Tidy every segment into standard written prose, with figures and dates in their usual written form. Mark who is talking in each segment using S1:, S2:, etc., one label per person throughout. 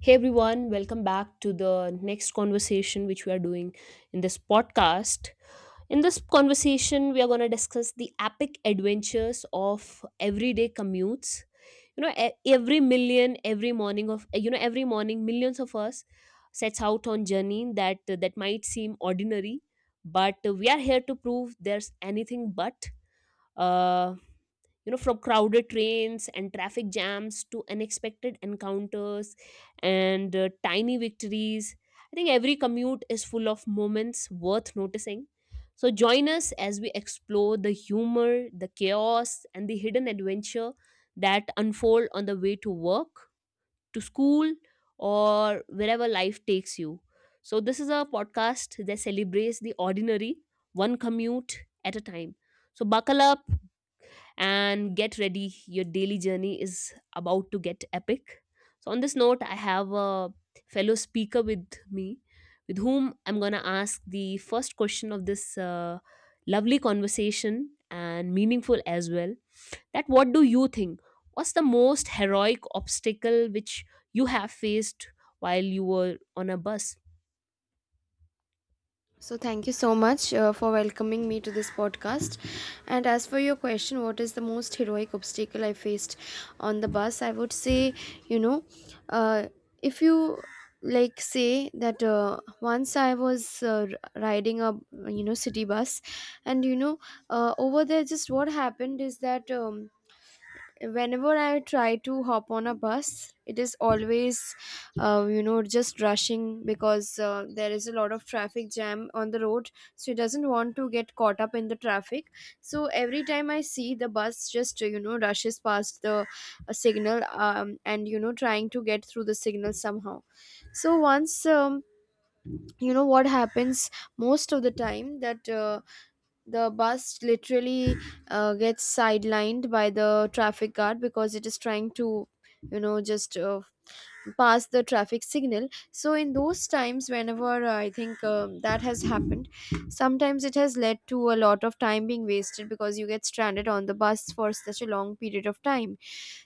S1: Hey everyone, welcome back to the next conversation which we are doing in this podcast. In this conversation, we are going to discuss the epic adventures of everyday commutes. You know, e- every million, every morning of you know, every morning, millions of us sets out on journey that might seem ordinary, but we are here to prove there's anything but. Uh, you know, from crowded trains and traffic jams to unexpected encounters and tiny victories. I think every commute is full of moments worth noticing. So join us as we explore the humor, the chaos, and the hidden adventure that unfold on the way to work, to school, or wherever life takes you. So this is a podcast that celebrates the ordinary, one commute at a time. So buckle up and get ready. Your daily journey is about to get epic. So, on this note, I have a fellow speaker with me with whom I'm going to ask the first question of this lovely conversation, and meaningful as well. That, what do you think? What's the most heroic obstacle which you have faced while you were on a bus?
S2: So, thank you so much for welcoming me to this podcast. And as for your question, what is the most heroic obstacle I faced on the bus? I would say, you know, uh, if you like say that once I was riding a you know city bus, and you know over there, just what happened is that. Whenever I try to hop on a bus, it is always you know just rushing because there is a lot of traffic jam on the road, so he doesn't want to get caught up in the traffic. So every time I see the bus just you know rushes past the signal, and you know trying to get through the signal somehow. So once you know what happens most of the time, that the bus literally gets sidelined by the traffic guard because it is trying to you know just pass the traffic signal. So in those times, whenever I think that has happened, sometimes it has led to a lot of time being wasted because you get stranded on the bus for such a long period of time.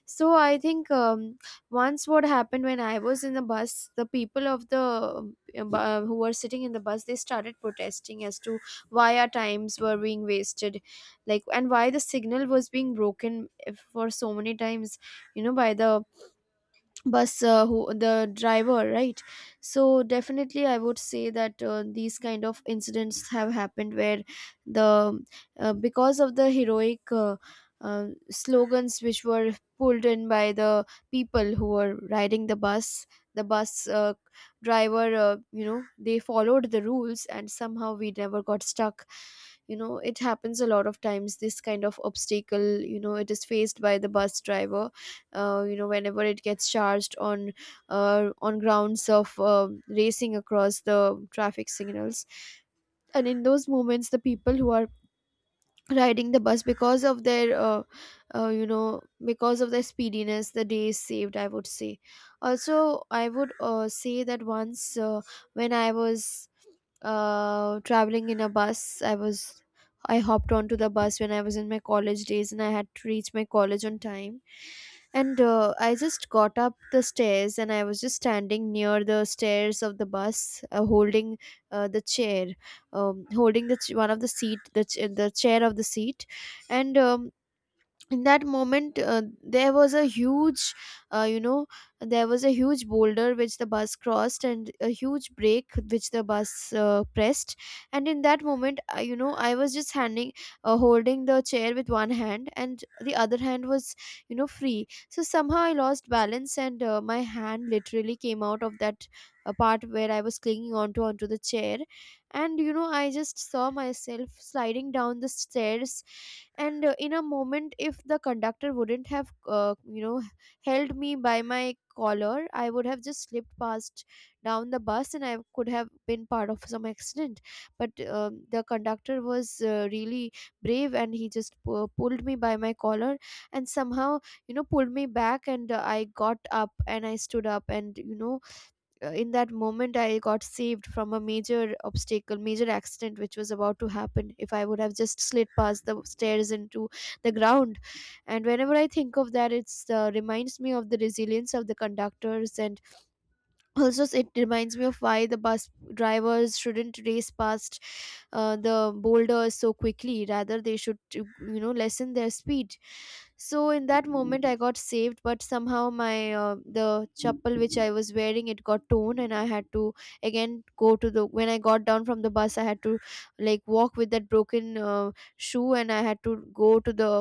S2: So I think once what happened when I was in the bus, the people of the who were sitting in the bus, they started protesting as to why our times were being wasted, like and why the signal was being broken for so many times, you know, by the bus who, the driver, right? So definitely I would say that these kind of incidents have happened where the because of the heroic slogans which were pulled in by the people who were riding the bus, the bus driver, you know, they followed the rules and somehow we never got stuck. You know, it happens a lot of times, this kind of obstacle, you know, it is faced by the bus driver, you know, whenever it gets charged on grounds of racing across the traffic signals. And in those moments, the people who are riding the bus, because of their uh, you know because of their speediness, the day is saved, I would say. Also, I would say that once when I was traveling in a bus. I was, I hopped onto the bus when I was in my college days, and I had to reach my college on time. And I just got up the stairs, and I was just standing near the stairs of the bus, holding the chair, holding the one of the seat, the the chair of the seat, and in that moment there was a huge uh, you know there was a huge boulder which the bus crossed, and a huge break which the bus pressed. And in that moment, I you know I was just handing holding the chair with one hand, and the other hand was you know free, so somehow I lost balance, and my hand literally came out of that part where I was clinging onto the chair. And you know, I just saw myself sliding down the stairs. And in a moment, if the conductor wouldn't have you know held me by my collar, I would have just slipped past down the bus, and I could have been part of some accident. But the conductor was really brave, and he just pulled me by my collar, and somehow you know pulled me back, and I got up and I stood up. And you know, in that moment, I got saved from a major obstacle, major accident which was about to happen if I would have just slid past the stairs into the ground. And whenever I think of that, it's reminds me of the resilience of the conductors, and also it reminds me of why the bus drivers shouldn't race past the boulders so quickly, rather they should you know lessen their speed. So in that moment, I got saved, but somehow my the chappal which I was wearing, it got torn, and I had to again go to the, when I got down from the bus, I had to like walk with that broken shoe, and I had to go to the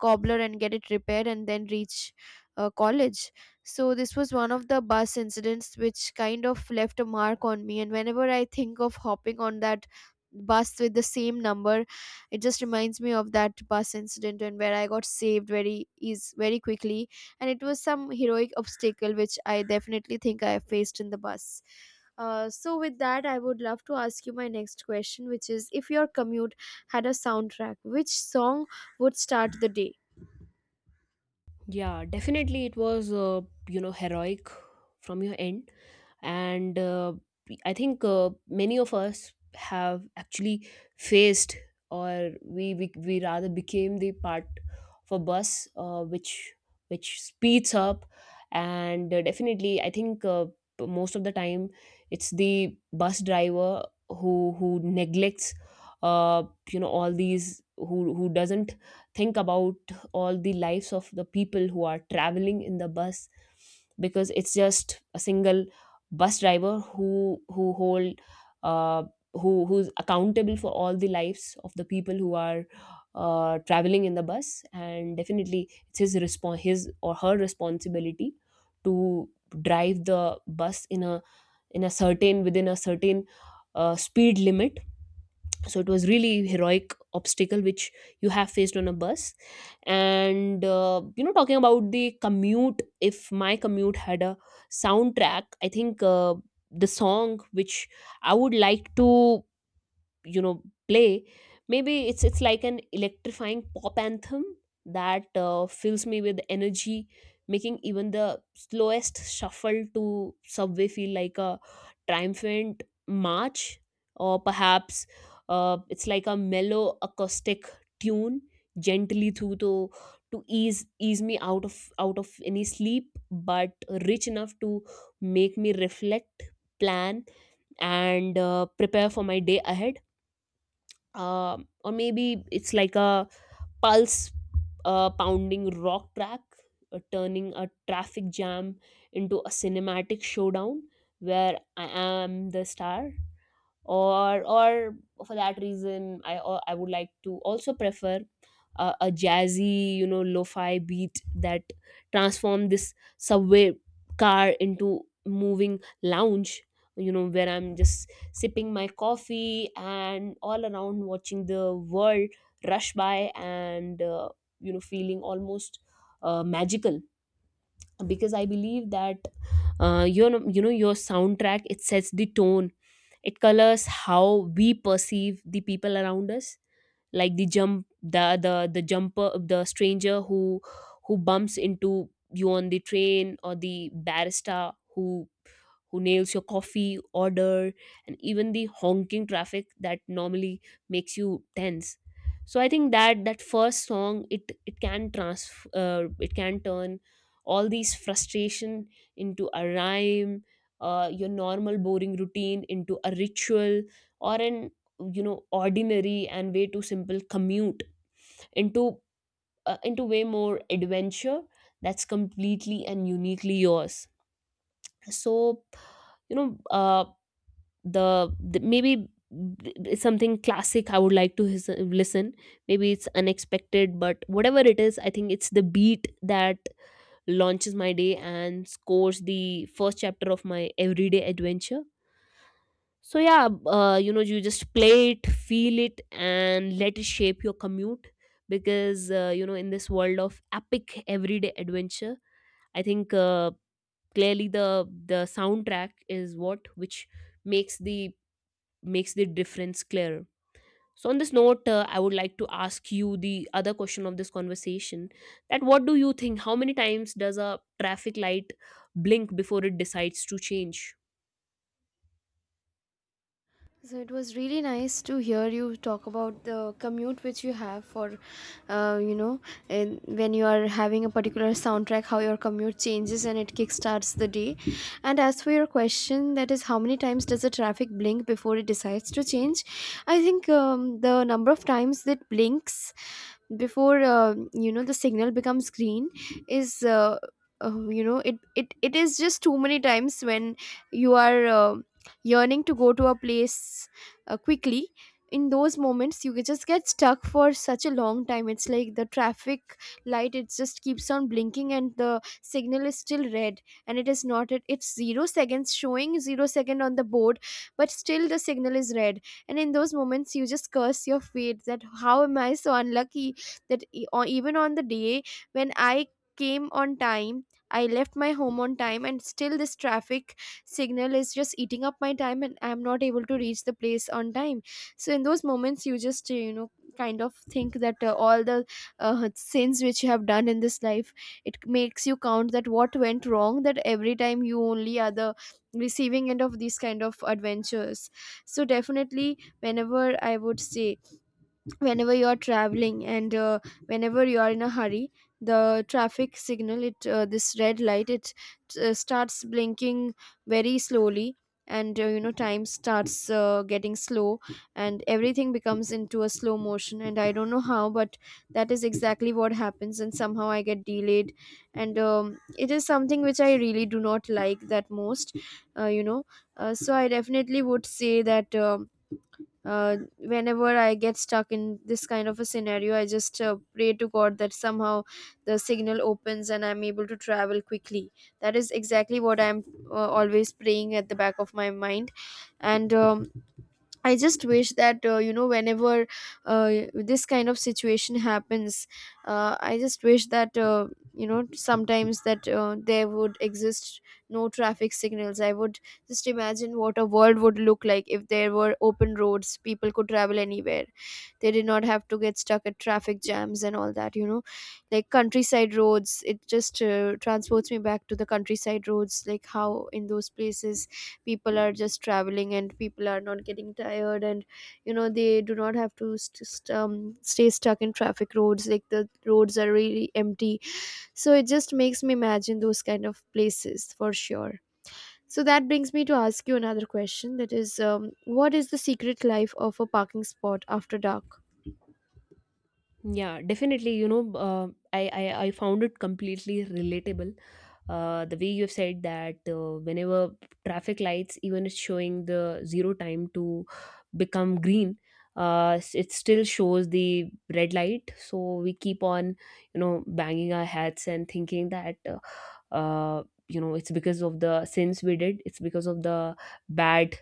S2: cobbler and get it repaired, and then reach college. So this was one of the bus incidents which kind of left a mark on me. And whenever I think of hopping on that bus with the same number, it just reminds me of that bus incident and where I got saved very, is very quickly. And it was some heroic obstacle which I definitely think I faced in the bus. So with that, I would love to ask you my next question, which is, if your commute had a soundtrack, which song would start the day?
S1: Yeah, definitely it was, you know, heroic from your end. And I think many of us have actually faced, or we rather became the part of a bus which speeds up. And definitely I think, most of the time it's the bus driver who neglects, uh, you know, all these, who doesn't think about all the lives of the people who are traveling in the bus, because it's just a single bus driver who hold, uh, who's accountable for all the lives of the people who are traveling in the bus. And definitely it's his or her responsibility to drive the bus in a certain within a certain speed limit. So it was really heroic obstacle which you have faced on a bus. And you know, talking about the commute, if my commute had a soundtrack, I think the song which I would like to, you know, play, maybe it's like an electrifying pop anthem that fills me with energy, making even the slowest shuffle to subway feel like a triumphant march. Or perhaps it's like a mellow acoustic tune, gently through to ease me out of any sleep, but rich enough to make me reflect, plan, and prepare for my day ahead. Uh, or maybe it's like a pulse pounding rock track, turning a traffic jam into a cinematic showdown where I am the star. Or for that reason, I would like to also prefer a jazzy, you know, lo-fi beat that transform this subway car into moving lounge, you know, where I'm just sipping my coffee and all around watching the world rush by, and you know, feeling almost magical. Because I believe that your, you know, your soundtrack, it sets the tone, it colors how we perceive the people around us, like the jumper, the stranger who bumps into you on the train, or the barista who nails your coffee order, and even the honking traffic that normally makes you tense. So I think that that first song, it can trans it can turn all these frustration into a rhyme, your normal boring routine into a ritual, or an, you know, ordinary and way too simple commute into into way more adventure that's completely and uniquely yours. So, you know, the maybe it's something classic I would like to listen, maybe it's unexpected, but whatever it is, I think it's the beat that launches my day and scores the first chapter of my everyday adventure. So yeah, you know, you just play it, feel it, and let it shape your commute. Because you know, in this world of epic everyday adventure, I think clearly the soundtrack is what which makes the makes the difference clearer. So on this note, I would like to ask you the other question of this conversation: that, what do you think? How many times does a traffic light blink before it decides to change?
S2: So it was really nice to hear you talk about the commute which you have for, you know, in, when you are having a particular soundtrack, how your commute changes and it kickstarts the day. And as for your question, that is, how many times does the traffic blink before it decides to change? I think the number of times that blinks before you know the signal becomes green is you know, it is just too many times. When you are yearning to go to a place quickly, in those moments you just get stuck for such a long time. It's like the traffic light, it just keeps on blinking and the signal is still red, and it is not, it's 0 seconds, showing 0 second on the board, but still the signal is red. And in those moments, you just curse your fate, that how am I so unlucky, that or even on the day when I came on time, I left my home on time, and still this traffic signal is just eating up my time, and I'm not able to reach the place on time. So in those moments, you just you know kind of think that all the sins which you have done in this life, it makes you count that what went wrong, that every time you only are the receiving end of these kind of adventures. So definitely, whenever I would say, whenever you are traveling, and whenever you are in a hurry, the traffic signal, it this red light, it starts blinking very slowly, and you know time starts getting slow, and everything becomes into a slow motion, and I don't know how, but that is exactly what happens, and somehow I get delayed. And it is something which I really do not like, that most uh, you know so I definitely would say that whenever I get stuck in this kind of a scenario, I just pray to God that somehow the signal opens and I'm able to travel quickly. That is exactly what I'm always praying at the back of my mind. And I just wish that you know, whenever this kind of situation happens, I just wish that you know, sometimes that there would exist no traffic signals. I would just imagine what a world would look like if there were open roads, people could travel anywhere. They did not have to get stuck at traffic jams and all that, you know. Like countryside roads, it just transports me back to the countryside roads, like how in those places people are just traveling, and people are not getting tired, and you know, they do not have to stay stuck in traffic roads, like the roads are really empty. So it just makes me imagine those kind of places for sure. So that brings me to ask you another question, that is, what is the secret life of a parking spot after dark?
S1: Yeah, definitely. You know, I found it completely relatable. The way you have said that whenever traffic lights, even it's showing the zero time to become green, it still shows the red light. So we keep on, you know, banging our heads and thinking that, uh, you know, it's because of the sins we did, it's because of the bad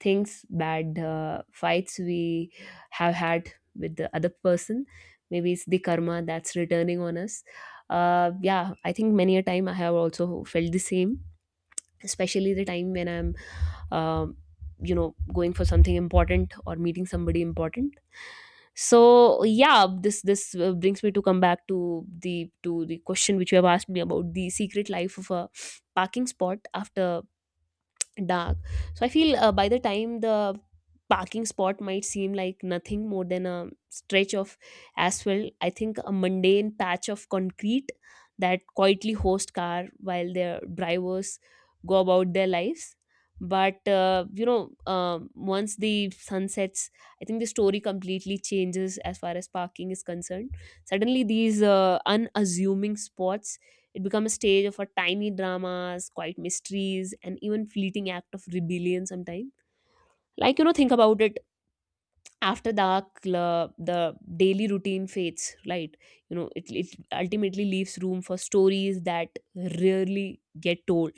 S1: bad fights we have had with the other person, maybe it's the karma that's returning on us. Yeah, I think many a time I have also felt the same, especially the time when I'm, um, you know, going for something important or meeting somebody important. So yeah, this brings me to come back to the question which you have asked me about the secret life of a parking spot after dark. So I feel, by the time, the parking spot might seem like nothing more than a stretch of asphalt, I think a mundane patch of concrete that quietly hosts car while their drivers go about their lives. But you know, once the sun sets, I think the story completely changes as far as parking is concerned. Suddenly these unassuming spots, it become a stage of a tiny dramas, quiet mysteries, and even fleeting act of rebellion sometimes. Like, you know, think about it. After dark, the daily routine fades, right? You know, it ultimately leaves room for stories that rarely get told.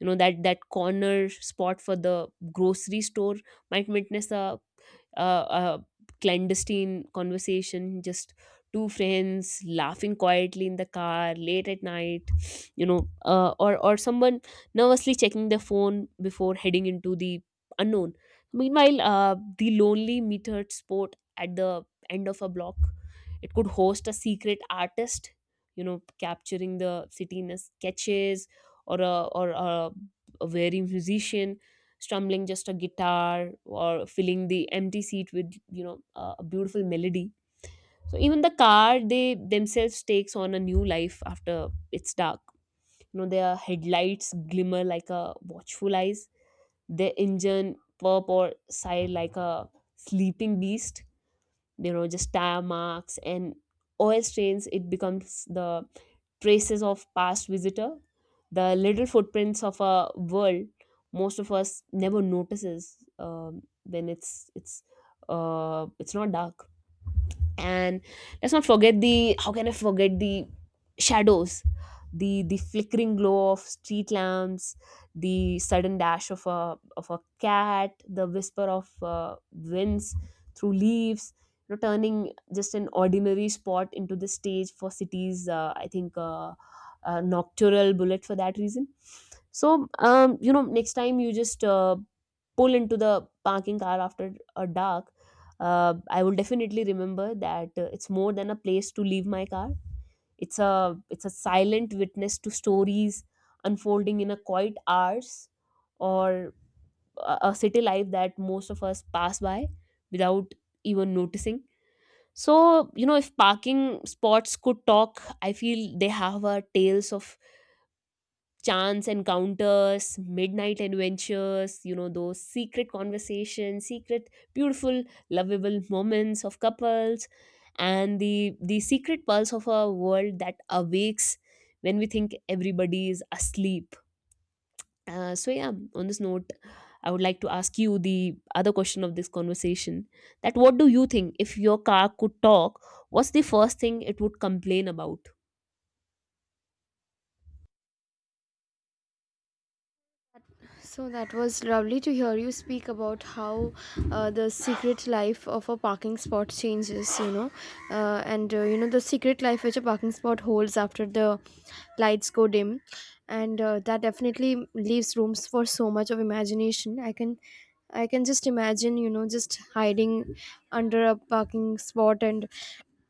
S1: You know, that corner spot for the grocery store might witness a clandestine conversation, just two friends laughing quietly in the car late at night, you know, or someone nervously checking their phone before heading into the unknown. Meanwhile, the lonely metered spot at the end of a block, it could host a secret artist, you know, capturing the city in a sketches, or a very musician strumming just a guitar or filling the empty seat with, you know, a beautiful melody. So even the car, they themselves takes on a new life after it's dark. You know, their headlights glimmer like a watchful eyes, their engine purr or sigh like a sleeping beast. You know, just tire marks and oil stains, it becomes the traces of past visitor, the little footprints of a world most of us never notices when it's not dark. And let's not forget the, how can I forget the shadows, the flickering glow of street lamps, the sudden dash of a cat, the whisper of winds through leaves, you know, turning just an ordinary spot into the stage for cities, I think nocturnal bullet for that reason. So you know, next time you just pull into the parking car after a dark, I will definitely remember that it's more than a place to leave my car. It's a silent witness to stories unfolding in a quiet hours, or a city life that most of us pass by without even noticing. So you know, if parking spots could talk, I feel they have a tales of chance encounters, midnight adventures, you know, those secret conversations, secret, beautiful, lovable moments of couples, and the secret pulse of a world that awakes when we think everybody is asleep. So, yeah, on this note, I would like to ask you the other question of this conversation: that, what do you think, if your car could talk, what's the first thing it would complain about?
S2: So that was lovely to hear you speak about how the secret life of a parking spot changes, you know, and you know the secret life which a parking spot holds after the lights go dim, and that definitely leaves rooms for so much of imagination. I can just imagine, just hiding under a parking spot and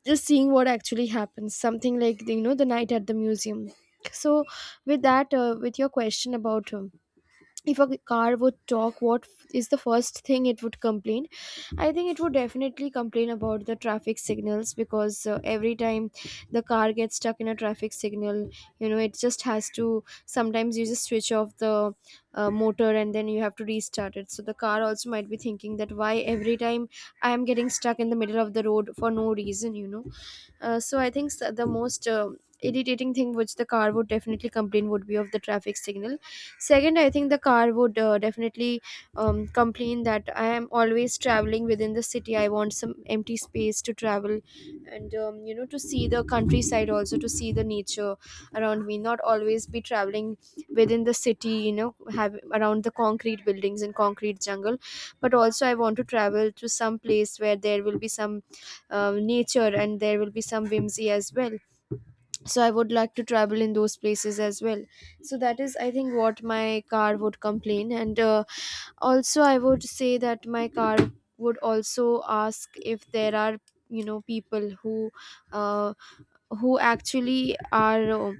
S2: just seeing what actually happens, something like the, you know the Night at the Museum. So with that, with your question about, if a car would talk, is the first thing it would complain. I think it would definitely complain about the traffic signals, because every time the car gets stuck in a traffic signal, you know, it just has to, sometimes you just switch off the motor, and then you have to restart it. So the car also might be thinking that, why every time I am getting stuck in the middle of the road for no reason, you know. So I think, the most irritating thing which the car would definitely complain would be of the traffic signal. Second, I think the car would definitely, complain that, I am always traveling within the city, I want some empty space to travel. And you know, to see the countryside, also to see the nature around me, not always be traveling within the city, you know, have around the concrete buildings and concrete jungle. But also I want to travel to some place where there will be some nature, and there will be some whimsy as well. So I would like to travel in those places as well. So that is, I think, what my car would complain. And also, I would say that my car would also ask, if there are, you know, people uh, who actually are,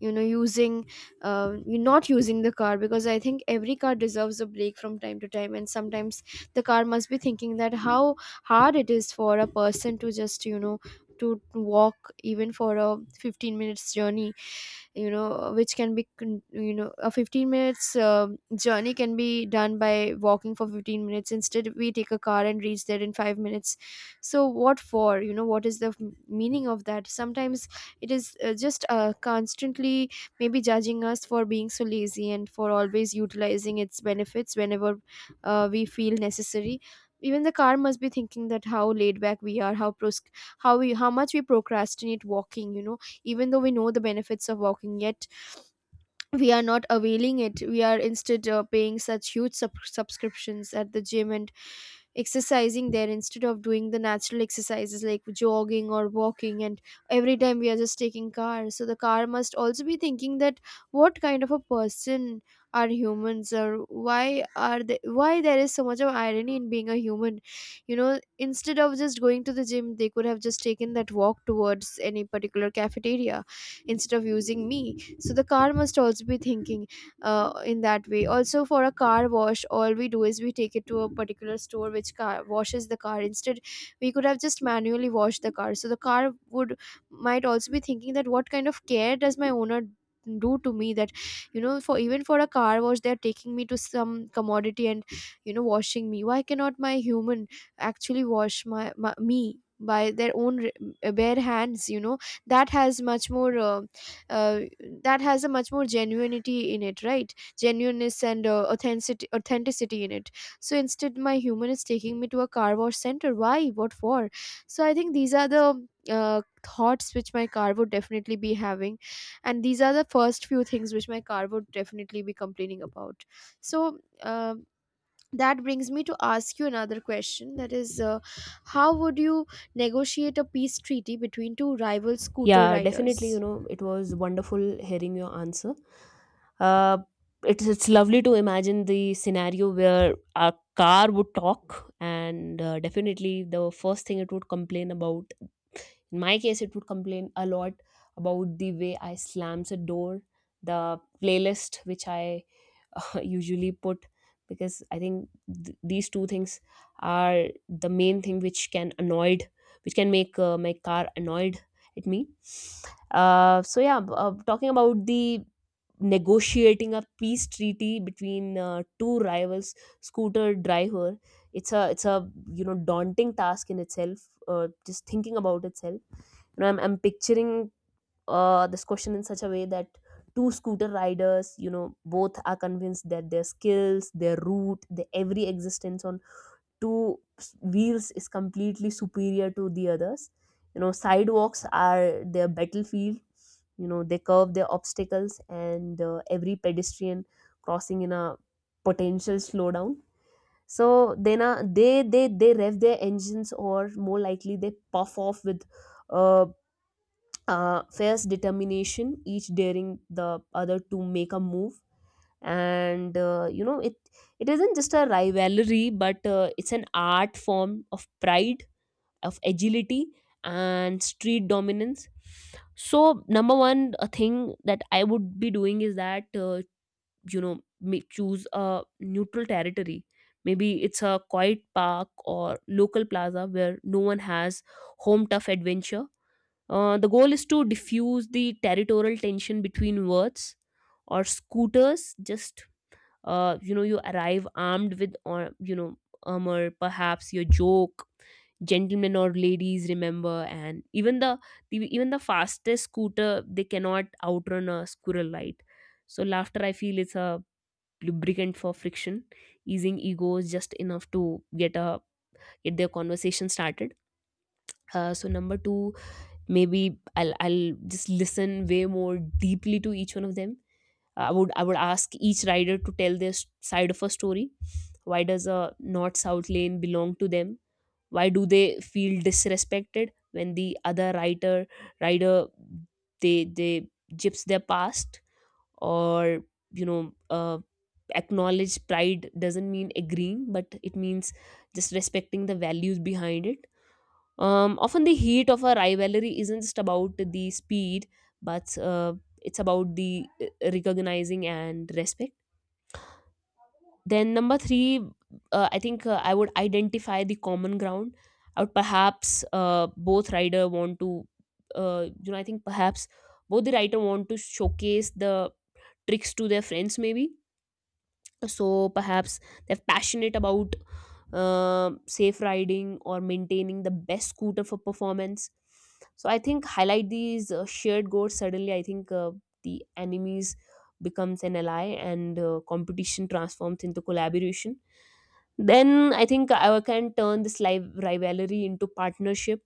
S2: using, you not using the car, because I think every car deserves a break from time to time. And sometimes the car must be thinking that, how hard it is for a person to just, to walk even for a 15 minutes journey, which can be a 15 minutes journey can be done by walking for 15 minutes. Instead we take a car and reach there in 5 minutes. So what for, you know, what is the meaning of that? Sometimes it is just constantly maybe judging us for being so lazy and for always utilizing its benefits, whenever we feel necessary. Even the car must be thinking that, how laid back we are, how how we how much we procrastinate walking, you know. Even though we know the benefits of walking, yet we are not availing it. We are instead paying such huge subscriptions at the gym, and exercising there, instead of doing the natural exercises like jogging or walking. And every time we are just taking car. So the car must also be thinking that, what kind of a person are humans? Or why are they why there is so much of irony in being a human, you know. Instead of just going to the gym, they could have just taken that walk towards any particular cafeteria, instead of using me. So the car must also be thinking, in that way. Also, for a car wash, all we do is we take it to a particular store which car washes the car. Instead we could have just manually washed the car. So the car would might also be thinking that, what kind of care does my owner do to me, that, you know, for even for a car wash they're taking me to some commodity and, you know, washing me. Why cannot my human actually wash my me by their own bare hands, you know. That has much more uh, that has a much more genuinity in it. Right, genuineness and authenticity in it. So instead my human is taking me to a car wash center. Why, what for? So I think these are the thoughts which my car would definitely be having, and these are the first few things which my car would definitely be complaining about. So, that brings me to ask you another question, that is, how would you negotiate a peace treaty between two rival scooter
S1: Yeah, definitely. You
S2: riders?
S1: know, it was wonderful hearing your answer. Uh, it's lovely to imagine the scenario where a car would talk, and definitely the first thing it would complain about. In my case, it would complain a lot about the way I slams a door, the playlist which I usually put because I think these two things are the main thing which can annoyed which can make my car annoyed at me So talking about the negotiating a peace treaty between two rivals scooter driver. It's a you know daunting task in itself, just thinking about itself. You know, I'm picturing this question in such a way that two scooter riders, you know, both are convinced that their skills, their route, their every existence on wheels is completely superior to the others. You know, sidewalks are their battlefield. You know, they curve their obstacles and every pedestrian crossing in a potential slowdown. So then they rev their engines, or more likely they puff off with uh, fierce determination, each daring the other to make a move. And you know, it isn't just a rivalry, but it's an art form of pride, of agility, and street dominance. So, number one, a thing that I would be doing is that you know, may choose a neutral territory. Maybe it's a quiet park or local plaza where no one has home tough adventure. Uh, the goal is to diffuse the territorial tension between words or scooters. Just you know, you arrive armed with, or you know, armor, perhaps your joke. Gentlemen or ladies, remember, and even the fastest scooter they cannot outrun a squirrel light. So laughter, I feel, is a lubricant for friction, easing egos just enough to get their conversation started. So number two, maybe I'll just listen way more deeply to each one of them. I would ask each rider to tell side of a story. Why does a north south lane belong to them? Why do they feel disrespected when the other rider they gyps their past, or you know, acknowledge pride doesn't mean agreeing, but it means just respecting the values behind it. Often the heat of a rivalry isn't just about the speed, but it's about the recognizing and respect. Then number three, I think I would identify the common ground. I would perhaps both rider want to, you know, I think perhaps both the writer want to showcase the tricks to their friends, maybe. So perhaps they're passionate about safe riding or maintaining the best scooter for performance. So I think highlight these shared goals, suddenly I think the enemies becomes an ally, and competition transforms into collaboration. Then I think I can turn this live rivalry into partnership.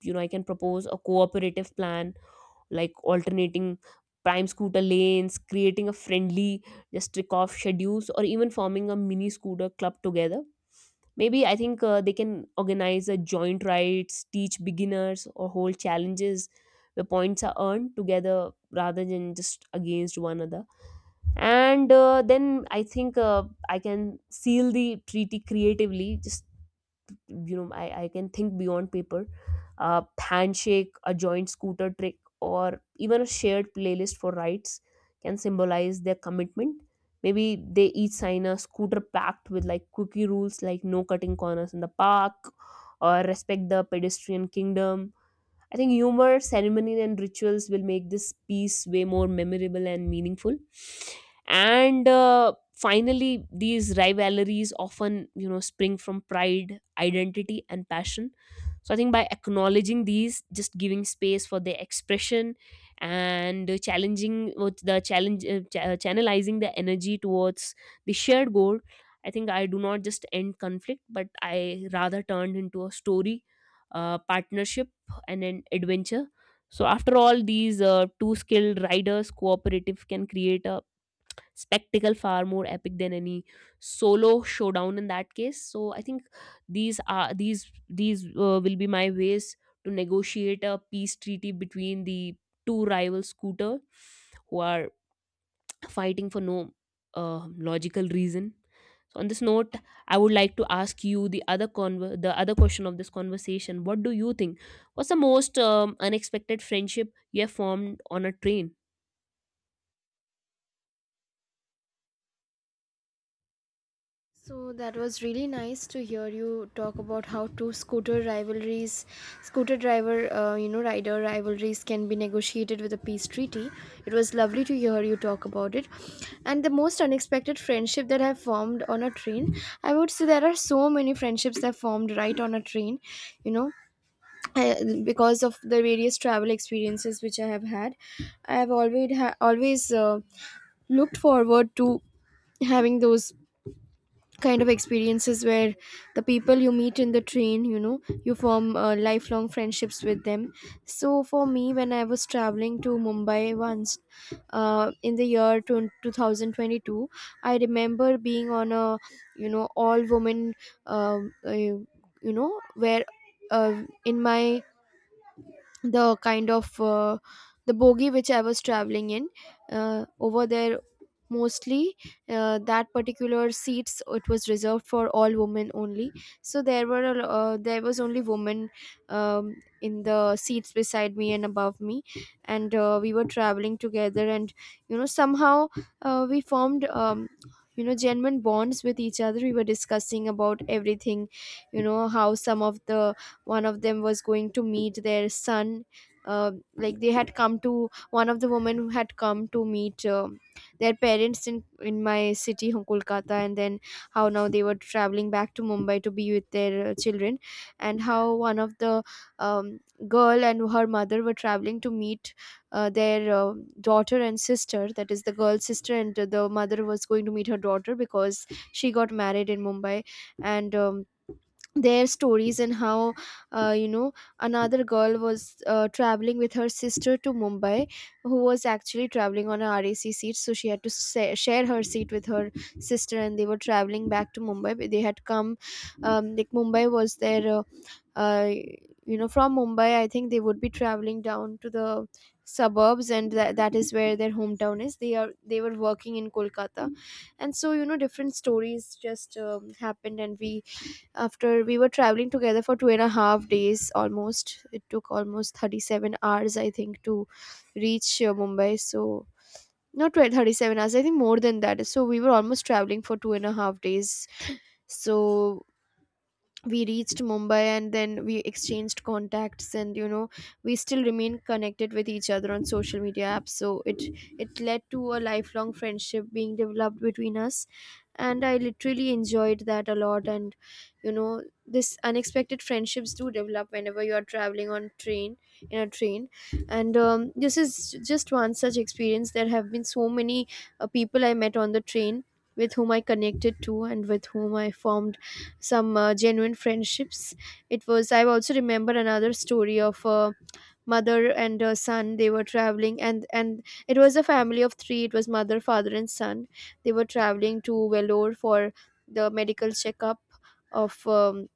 S1: You know, I can propose a cooperative plan like alternating prime scooter lanes, creating a friendly just trick off schedules, or even forming a mini scooter club together. Maybe I think they can organize a joint rides, teach beginners, or hold challenges where points are earned together rather than just against one another. And then I think I can seal the treaty creatively. Just you know, I can think beyond paper. Uh, handshake, a joint scooter trick, or even a shared playlist for rides can symbolize their commitment. Maybe they each sign a scooter pact with like cookie rules, like no cutting corners in the park or respect the pedestrian kingdom. I think humor, ceremony, and rituals will make this piece way more memorable and meaningful. And finally, these rivalries often, you know, spring from pride, identity, and passion. So I think by acknowledging these, just giving space for their expression, and challenging with the challenge, channelizing the energy towards the shared goal. I think I do not just end conflict, but I rather turned into a story, partnership, and an adventure. So, after all, these two skilled riders cooperative can create a spectacle far more epic than any solo showdown in that case. So, I think these are these will be my ways to negotiate a peace treaty between the two rival scooter who are fighting for no logical reason. So on this note, I would like to ask you the other the other question of this conversation. What do you think? What's the most unexpected friendship you have formed on a train?
S2: So that was really nice to hear you talk about how two scooter rivalries, scooter driver, you know, rider rivalries can be negotiated with a peace treaty. It was lovely to hear you talk about it. And the most unexpected friendship that have formed on a train, I would say there are so many friendships that formed right on a train, you know, I- because of the various travel experiences which I have had. I have always always looked forward to having those kind of experiences where the people you meet in the train, you know, you form lifelong friendships with them. So for me, when I was traveling to Mumbai once, in the year 2022, I remember being on a, you know, all woman, you know, where, in my, the kind of, the bogie which I was traveling in, over there, mostly, that particular seats, it was reserved for all women only. So there were there was only women, um, in the seats beside me and above me. And we were traveling together, and you know somehow, we formed, you know, genuine bonds with each other. We were discussing about everything, you know, how some of the one of them was going to meet their son, like they had come, to one of the women who had come to meet their parents in my city, Kolkata, and then how now they were traveling back to Mumbai to be with their children. And how one of the, um, girl and her mother were traveling to meet their daughter and sister, that is the girl's sister, and the mother was going to meet her daughter because she got married in Mumbai. And their stories, and how you know, another girl was traveling with her sister to Mumbai, who was actually traveling on a rac seat, so she had to share her seat with her sister. And they were traveling back to Mumbai, but they had come, like Mumbai was their uh, you know, from Mumbai I think they would be traveling down to the suburbs, and that is where their hometown is. They were working in Kolkata. And so, you know, different stories just happened. And we after we were traveling together for 2.5 days, almost. It took almost 37 hours, I think, to reach Mumbai. So not 12, 37 hours I think, more than that. So we were almost traveling for 2.5 days. So we reached Mumbai and then we exchanged contacts, and you know, we still remain connected with each other on social media apps. So it led to a lifelong friendship being developed between us. And I literally enjoyed that a lot. And you know, this unexpected friendships do develop whenever you are traveling on train, in a train. And this is just one such experience. There have been so many people I met on the train with whom I connected to, and with whom I formed some genuine friendships. It was, I also remember another story of a mother and a son. They were traveling, and it was a family of three. It was mother, father and son. They were traveling to Vellore for the medical checkup of,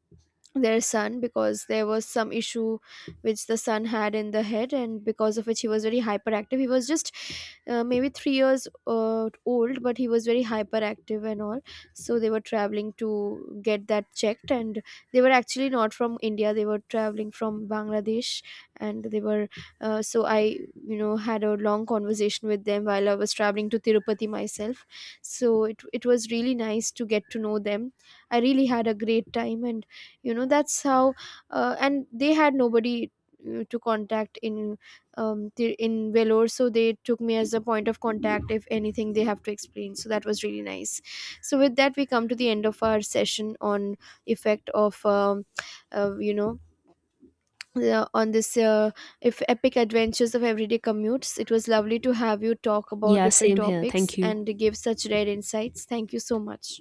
S2: their son, because there was some issue which the son had in the head, and because of which he was very hyperactive. He was just, maybe 3 years old, but he was very hyperactive and all. So they were traveling to get that checked. And they were actually not from India, they were traveling from Bangladesh. And they were so I, you know, had a long conversation with them while I was traveling to Tirupati myself. So it was really nice to get to know them. I really had a great time. And you know, that's how, and they had nobody to contact in, in Vellore. So they took me as a point of contact if anything they have to explain. So that was really nice. So with that, we come to the end of our session on effect of, you know, on this, if epic adventures of everyday commutes. It was lovely to have you talk about
S1: Yeah,
S2: different
S1: same here.
S2: topics
S1: Thank you.
S2: and give such rare insights. Thank you so much.